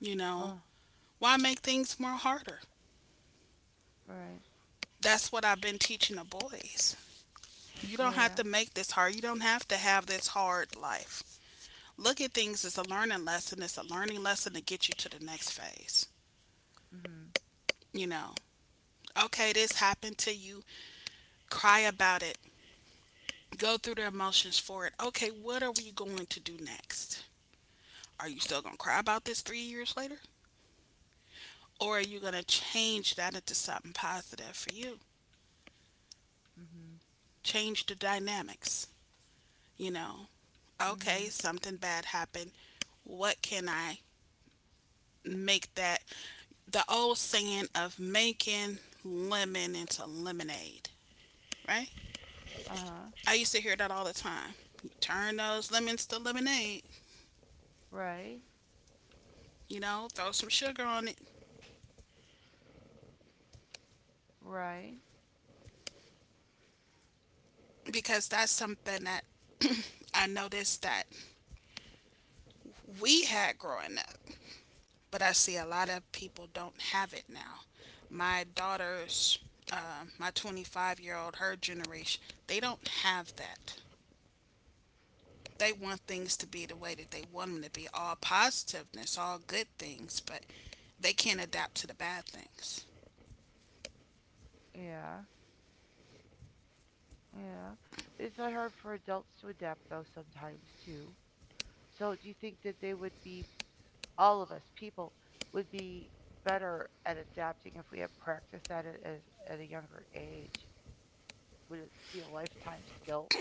B: You know,
A: Oh,
B: why make things more harder?
A: right.
B: That's what I've been teaching the boys. You don't have
A: Yeah.
B: to make this hard. You don't have to have this hard life. Look at things as a learning lesson. It's a learning lesson to get you to the next phase.
A: Mhm.
B: You know, okay, this happened to you. Cry about it. Go through the emotions for it. Okay, what are we going to do next? Are you still going to cry about this 3 years later? Or are you going to change that into something positive for you?
A: Mhm.
B: Change the dynamics, you know? Okay,
A: Mhm.
B: something bad happened. What can I make that? The old saying of making lemon into lemonade, right?
A: Uh huh.
B: I used to hear that all the time. Turn those lemons to lemonade,
A: Right.
B: throw some sugar on it,
A: Right.
B: because that's something that I noticed that we had growing up, but I see a lot of people don't have it now. My daughter's, my 25-year-old, her generation, they don't have that. They want things to be the way that they want them to be, all positiveness, all good things, but they can't adapt to the bad things.
A: Yeah. Yeah. It's not hard for adults to adapt though sometimes too. So do you think that they would be all of us people would be better at adapting if we had practiced at it at a younger age. Would it be a lifetime skill?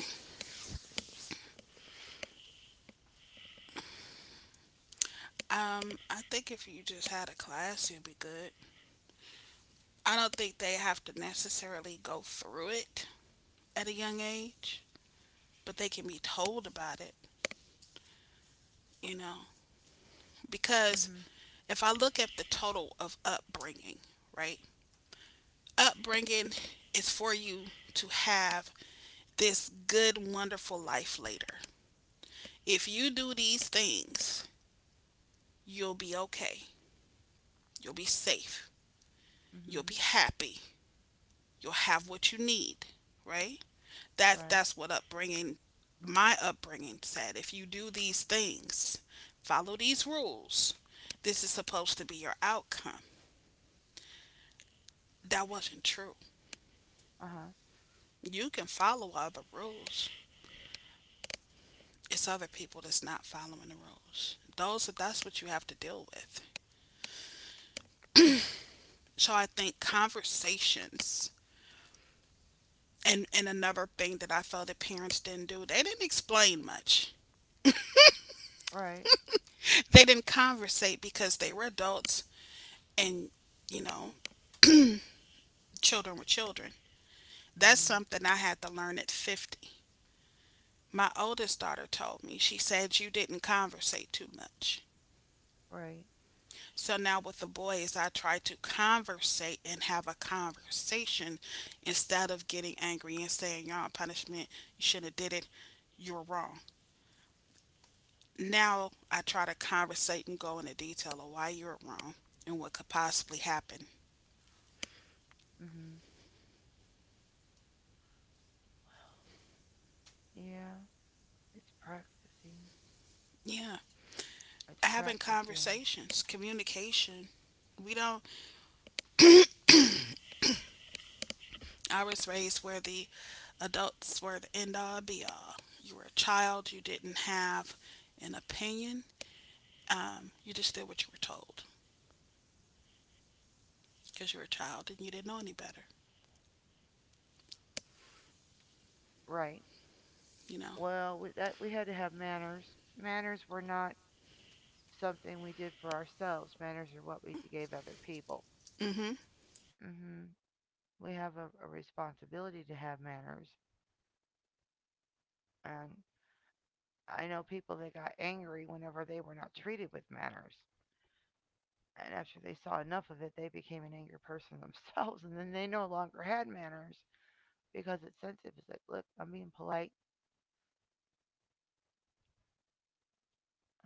B: I think if you just had a class, you'd be good. I don't think they have to necessarily go through it at a young age, but they can be told about it, you know,
A: Mm
B: because
A: Mhm.
B: if I look at the total of upbringing, right? Upbringing is for you to have this good, wonderful life later. If you do these things, you'll be okay. You'll be safe.
A: mm
B: You'll
A: Mhm.
B: be happy. You'll have what you need, right? That
A: Right.
B: that's what upbringing my upbringing said. If you do these things, follow these rules, this is supposed to be your outcome. That wasn't true.
A: Uh-huh.
B: You can follow other rules. It's other people that's not following the rules. Those, that's what you have to deal with. So I think conversations and another thing that I felt that parents didn't do, they didn't explain much.
A: Right.
B: They didn't conversate because they were adults, and you know, children were children.
A: mm
B: That's
A: Mhm.
B: something I had to learn at 50. My oldest daughter told me, she said, "You didn't conversate too much."
A: Right.
B: So now with the boys, I try to conversate and have a conversation instead of getting angry and saying, you're on punishment, you shouldn't have did it, you're wrong. Now I try to conversate and go into detail of why you're wrong and what could possibly happen.
A: mm Mhm. Yeah. It's practicing.
B: Yeah,
A: It's
B: having
A: practicing.
B: conversations, communication. We don't. I was raised where the adults were the end all be all. You were a child. You didn't have an opinion. You just did what you were told, because you were a child and you didn't know any better,
A: Right.
B: you know?
A: Well, that we had to have manners. Manners were not something we did for ourselves. Manners are what we gave other people.
B: Mm-hmm.
A: Mm Mhm. We have a responsibility to have manners and I know people that got angry whenever they were not treated with manners. And after they saw enough of it, they became an angry person themselves. And then they no longer had manners because it's sensitive. It's like, look, I'm being polite.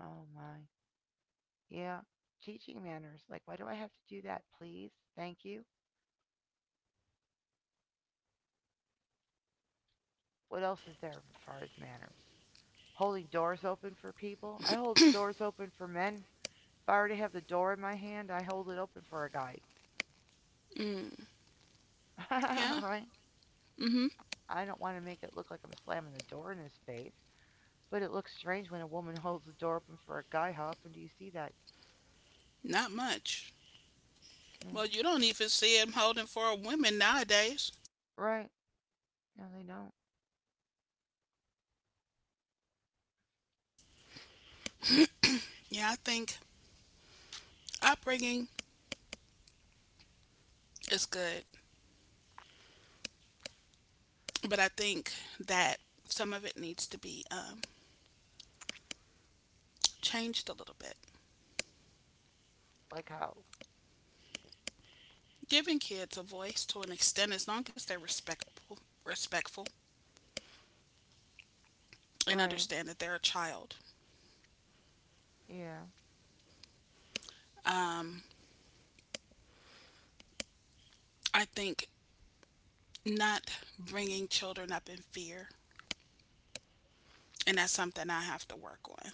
A: Oh my. Yeah. Teaching manners. Like, why do I have to do that, please? Thank you. What else is there as far as manners? Holding doors open for people. I hold doors open for men. If I already have the door in my hand, I hold it open for a guy.
B: Mm, yeah,
A: Right?
B: mm-hmm.
A: I don't want to make it look like I'm slamming the door in his face, but it looks strange when a woman holds the door open for a guy. How often do you see that?
B: Not much.
A: Mm,
B: Well, you don't even see him holding for women nowadays.
A: right. No, they don't.
B: Yeah, I think upbringing is good, but I think that some of it needs to be changed a little bit.
A: Like how?
B: Giving kids a voice to an extent, as long as they're respectful, and
A: Right.
B: understand that they're a child.
A: Yeah.
B: Um, I think not bringing children up in fear, and that's something I have to work on.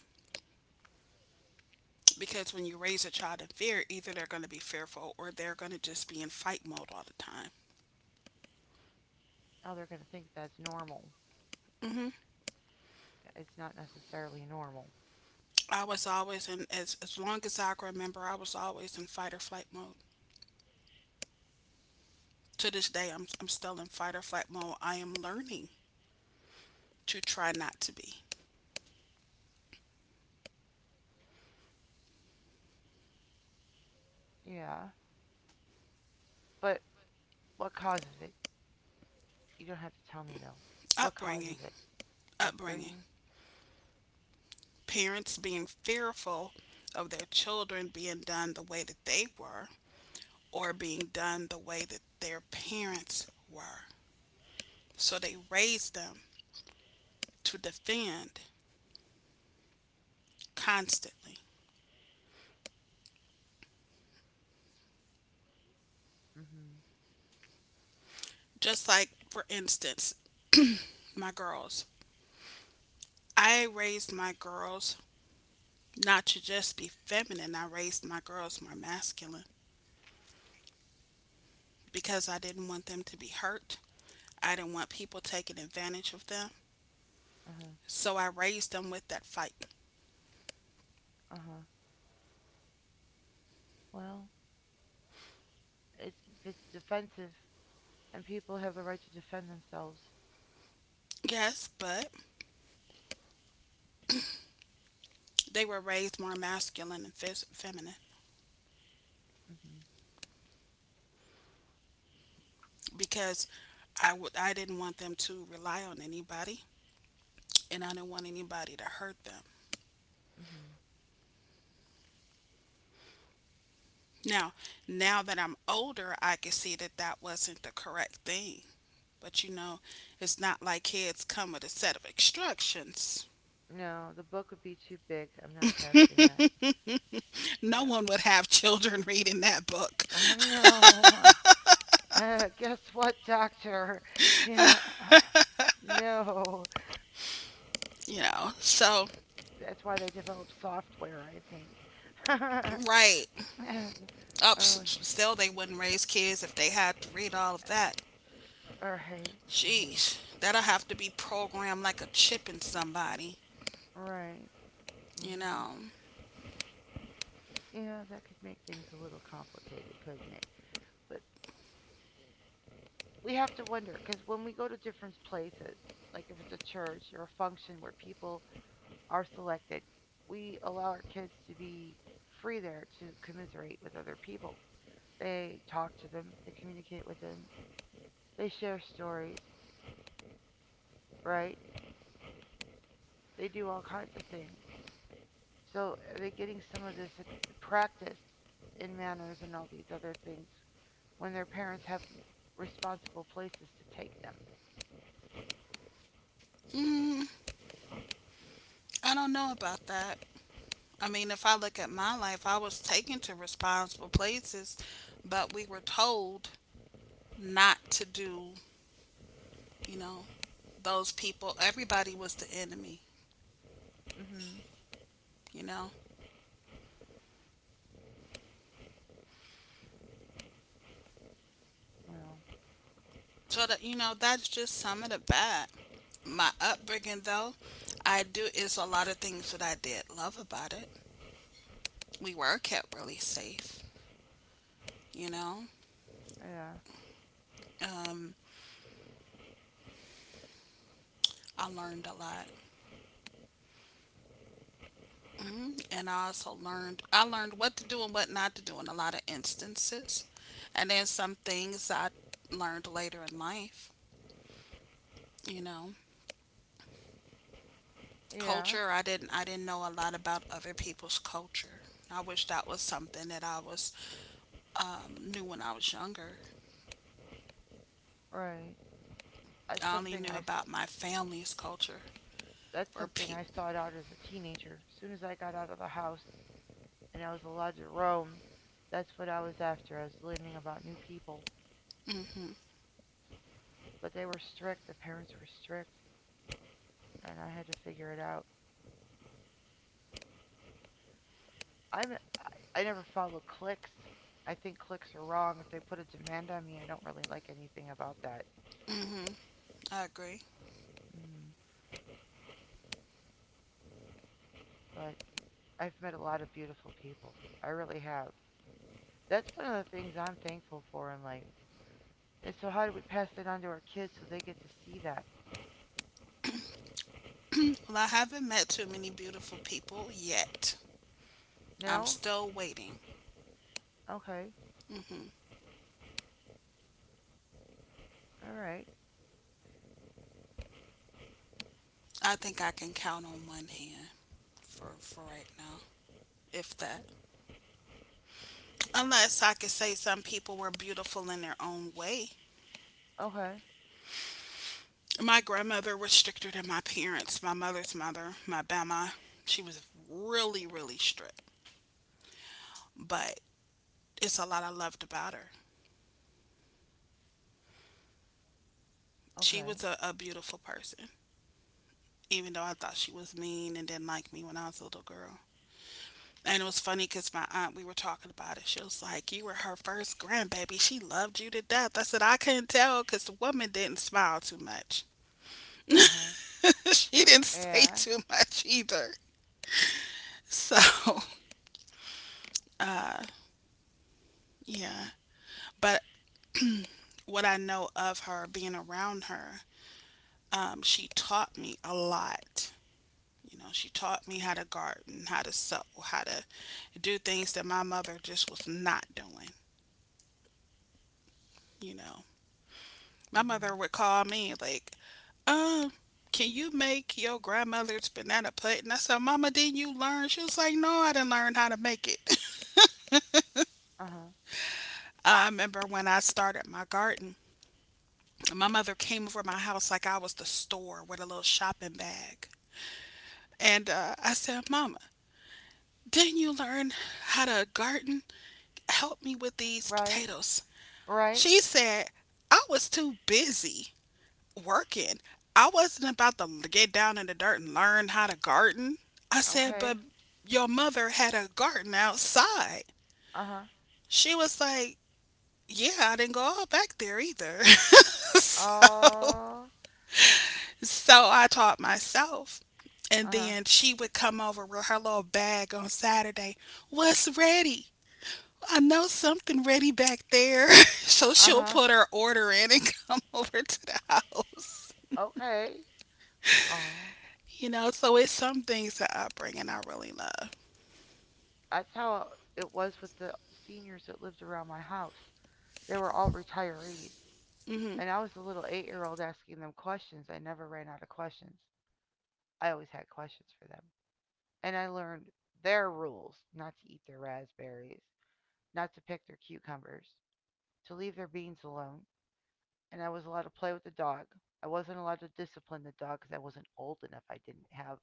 B: Because when you raise a child in fear, either they're going to be fearful or they're going to just be in fight mode all the time.
A: Now they're going to think that's normal. It's not necessarily normal.
B: I was always as long as I can remember, I was always in fight or flight mode. To this day, I'm still in fight or flight mode. I am learning to try not to be.
A: Yeah. But what causes it? You don't have to tell me, though. What
B: Upbringing,
A: causes it?
B: upbringing.
A: Upbringing?
B: Parents being fearful of their children being done the way that they were, or being done the way that their parents were. So they raise them to defend constantly.
A: Mm hmm.
B: Just like, for instance, my girls. I raised my girls not to just be feminine, I raised my girls more masculine because I didn't want them to be hurt. I didn't want people taking advantage of them.
A: Uh huh.
B: So I raised them with that fight.
A: Uh huh. Well, if it's defensive, and people have the right to defend themselves.
B: Yes, but they were raised more masculine and feminine,
A: Mm hmm.
B: because I didn't want them to rely on anybody, and I didn't want anybody to hurt them.
A: Mm hmm.
B: Now, now that I'm older, I can see that that wasn't the correct thing. But it's not like kids come with a set of instructions.
A: No, the book would be too big. I'm not passing that.
B: No
A: No.
B: one would have children reading that book,
A: No. Guess what, doctor? Yeah. No.
B: you know. So,
A: That's why they develop software, I think.
B: right up,
A: Oh,
B: still they wouldn't raise kids if they had to read all of that.
A: right.
B: Jeez, that'll have to be programmed like a chip in somebody,
A: Right.
B: you
A: Hmm.
B: know.
A: Yeah, that could make things a little complicated, couldn't it? But we have to wonder because when we go to different places, like if it's a church or a function where people are selected, we allow our kids to be free there to commiserate with other people. They talk to them, they communicate with them, they share stories, right? They do all kinds of things. So are they getting some of this practice in manners and all these other things when their parents have responsible places to take them?
B: Mm, I don't know about that. I mean, if I look at my life, I was taken to responsible places, but we were told not to do, you know, those people. Everybody was the enemy,
A: Mhm.
B: you know.
A: Well,
B: So that that's just some of the bad. My upbringing, though, I do is a lot of things that I did love about it. We were kept really safe, you know.
A: yeah.
B: Um, I learned a lot, hmm, and I learned what to do and what not to do in a lot of instances, and then some things I learned later in life, you know.
A: Yeah,
B: Culture. I didn't know a lot about other people's culture. I wish that was something that I was knew when I was younger.
A: right. That's
B: I only
A: something
B: knew
A: I.
B: about my family's culture
A: that's
B: or
A: something I
B: people.
A: sought out as a teenager. As soon as I got out of the house, and I was allowed to roam, that's what I was after. I was learning about new people.
B: Hmm.
A: But they were strict. The parents were strict, and I had to figure it out. I'm, I never follow clicks. I think clicks are wrong. If they put a demand on me, I don't really like anything about that.
B: Hmm. I agree.
A: Mm, but I've met a lot of beautiful people. I really have. That's one of the things I'm thankful for in life. And so, how do we pass it on to our kids so they get to see that?
B: Well, I haven't met too many beautiful people yet. I'm
A: No?
B: still waiting.
A: Okay.
B: Hmm.
A: All right.
B: I think I can count on one hand for right now, if that. Unless I could say some people were beautiful in their own way.
A: Okay.
B: My grandmother was stricter than my parents. My mother's mother, my Bama, she was really, really strict. But it's a lot I loved about her. She
A: Okay.
B: was a beautiful person, even though I thought she was mean and didn't like me when I was a little girl. And it was funny because my aunt, we were talking about it. She was like, "You were her first grandbaby. She loved you to death." I said, "I couldn't tell, because the woman didn't smile too much."
A: Uh huh.
B: She didn't say
A: Yeah.
B: too much either. So, yeah. But what I know of her, being around her, she taught me a lot. You know, she taught me how to garden, how to sew, how to do things that my mother just was not doing. You know, my
A: Mhm.
B: mother would call me like, "Uh, can you make your grandmother's banana pudding?" I said, "Mama, didn't you learn?" She was like, "No, I didn't learn how to make it."
A: Uh huh.
B: I remember when I started my garden, my mother came over my house like I was the store with a little shopping bag. And I said, "Mama, didn't you learn how to garden? Help me with these
A: Right.
B: potatoes."
A: Right.
B: She said, "I was too busy working. I wasn't about to get down in the dirt and learn how to garden." I said,
A: Okay.
B: "But your mother had a garden outside."
A: Uh huh.
B: She was like, "Yeah, I didn't go all back there either." So,
A: Oh. She.
B: so I taught myself. And
A: Uh huh.
B: then she would come over with her little bag on Saturday. "What's ready? I know something ready back there." So
A: Uh
B: she'll
A: huh.
B: put her order in and come over to the house.
A: Okay. Oh.
B: You know, so it's some things that upbringing I really love.
A: That's how it was with the seniors that lived around my house. They were all retirees,
B: Hmm.
A: and I was the little 8-year-old asking them questions. I never ran out of questions. I always had questions for them, and I learned their rules: not to eat their raspberries, not to pick their cucumbers, to leave their beans alone, and I was allowed to play with the dog. I wasn't allowed to discipline the dog because I wasn't old enough. I didn't have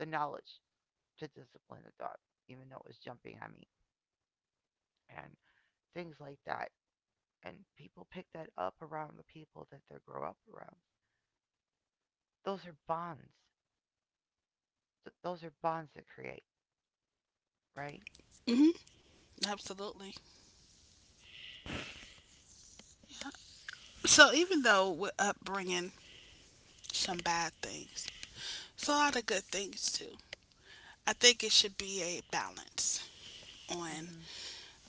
A: the knowledge to discipline the dog, even though it was jumping on me and things like that. And people pick that up around the people that they grow up around. Those are bonds. Those are bonds that create, right?
B: Hmm. Absolutely. So even though with upbringing, some bad things, it's a lot of good things too. I think it should be a balance on.
A: Mm-hmm.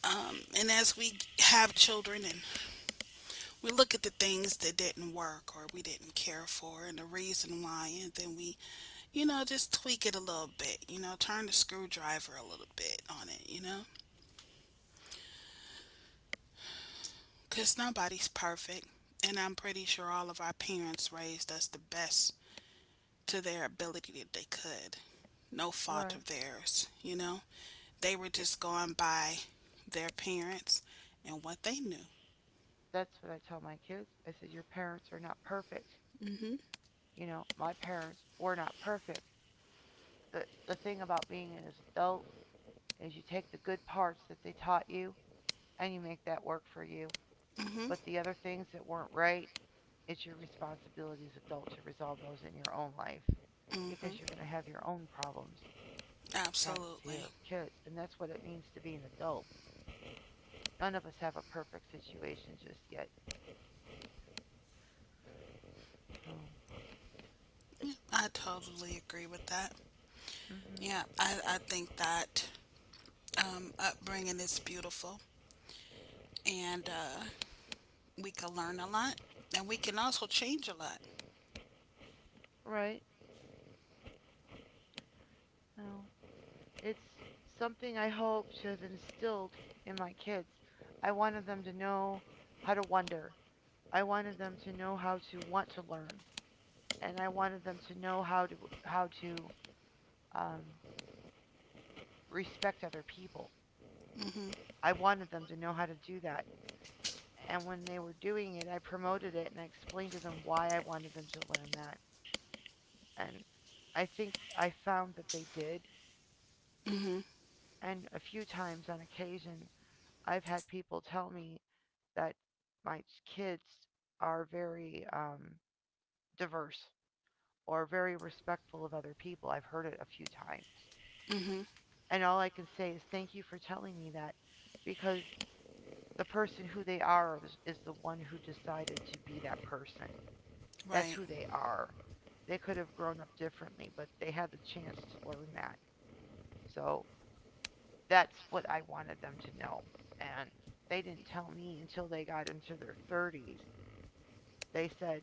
B: And as we have children and we look at the things that didn't work or we didn't care for and the reason why, and then we, you know, just tweak it a little bit, you know, turn the screwdriver a little bit on it, you know? Because nobody's perfect, and I'm pretty sure all of our parents raised us the best to their ability that they could. No fault
A: Right.
B: of theirs, you know? They were
A: It,
B: just going by their parents and what they knew.
A: that's what I tell my kids. I said, your parents are not perfect.
B: Hmm.
A: You know, my parents were not perfect. The thing about being an adult is you take the good parts that they taught you and you make that work for you.
B: Mhm.
A: But the other things that weren't right, it's your responsibility as an adult to resolve those in your own life because
B: Mhm.
A: you're going to have your own problems trying to take
B: Absolutely.
A: care of kids. And that's what it means to be an adult. None of us have a perfect situation just yet. So
B: Yeah,
A: it's
B: I totally agree with that.
A: hmm
B: Yeah, I think that upbringing is beautiful and we can learn a lot and we can also change a lot.
A: Right. No, it's something I hope to have instilled in my kids. I wanted them to know how to wonder. I wanted them to know how to want to learn. And I wanted them to know how to how to um, respect other people.
B: Mhm.
A: I wanted them to know how to do that. And when they were doing it, I promoted it and I explained to them why I wanted them to learn that. And I think I found that they did.
B: Mhm.
A: And a few times on occasion, I've had people tell me that my kids are very diverse or very respectful of other people. I've heard it a few times.
B: Mhm.
A: And all I can say is thank you for telling me that because the person who they are is- the one who decided to be that person. That's
B: Right.
A: who they are. They could have grown up differently, but they had the chance to learn that. So that's what I wanted them to know. And they didn't tell me until they got into their 30s. They said,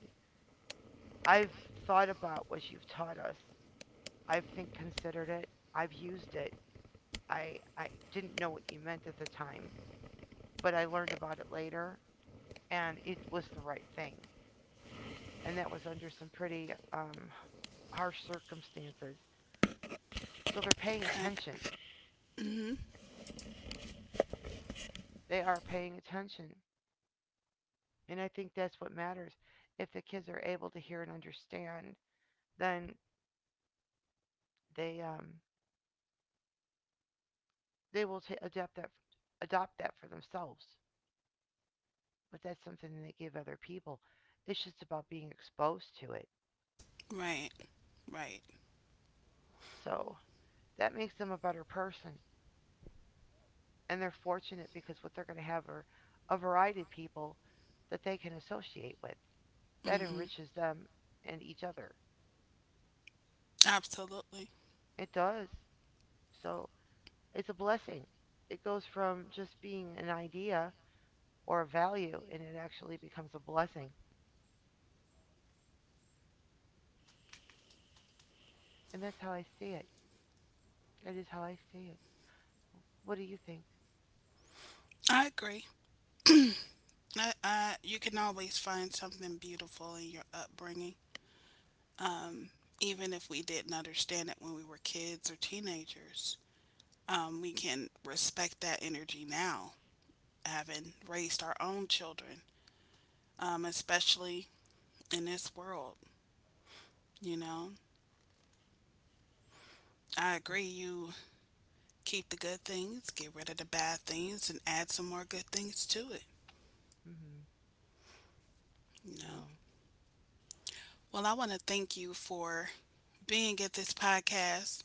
A: I've thought about what you've taught us. I've think considered it. I've used it. I didn't know what you meant at the time, but I learned about it later and it was the right thing. And that was under some pretty harsh circumstances. So they're paying
B: Right.
A: attention.
B: Mhm.
A: They are paying attention. And I think that's what matters. If the kids are able to hear and understand, then they um, they will ta adapt that adopt that for themselves. But that's something that they give other people. It's just about being exposed to it.
B: Right. Right.
A: So that makes them a better person. And they're fortunate because what they're going to have are a variety of people that they can associate with. That
B: Mhm.
A: enriches them and each other.
B: Absolutely.
A: It does. So it's a blessing. It goes from just being an idea or a value and it actually becomes a blessing. And that's how I see it. That is how I see it. What do you think?
B: I agree. You can always find something beautiful in your upbringing, even if we didn't understand it when we were kids or teenagers. We can respect that energy now, having raised our own children, especially in this world. You know, I agree.
A: Well,
B: You. Keep the good things, get rid of the bad things, and add some more good things to it,
A: Mm-hmm.
B: you know?
A: Well,
B: Well, I want to thank you for being at this podcast.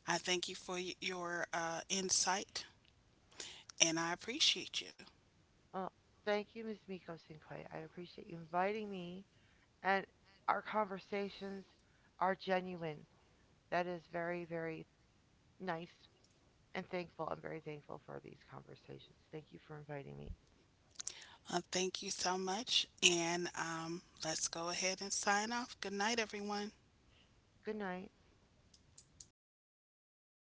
B: I thank you for your insight, and I appreciate you.
A: oh, thank you, Ms. Miko Sinclair. I appreciate you inviting me. And our conversations are genuine. That is very, very nice and thankful. I'm very thankful for these conversations. Thank you for inviting me.
B: Thank you so much, and let's go ahead and sign off. Good night, everyone.
A: Good night.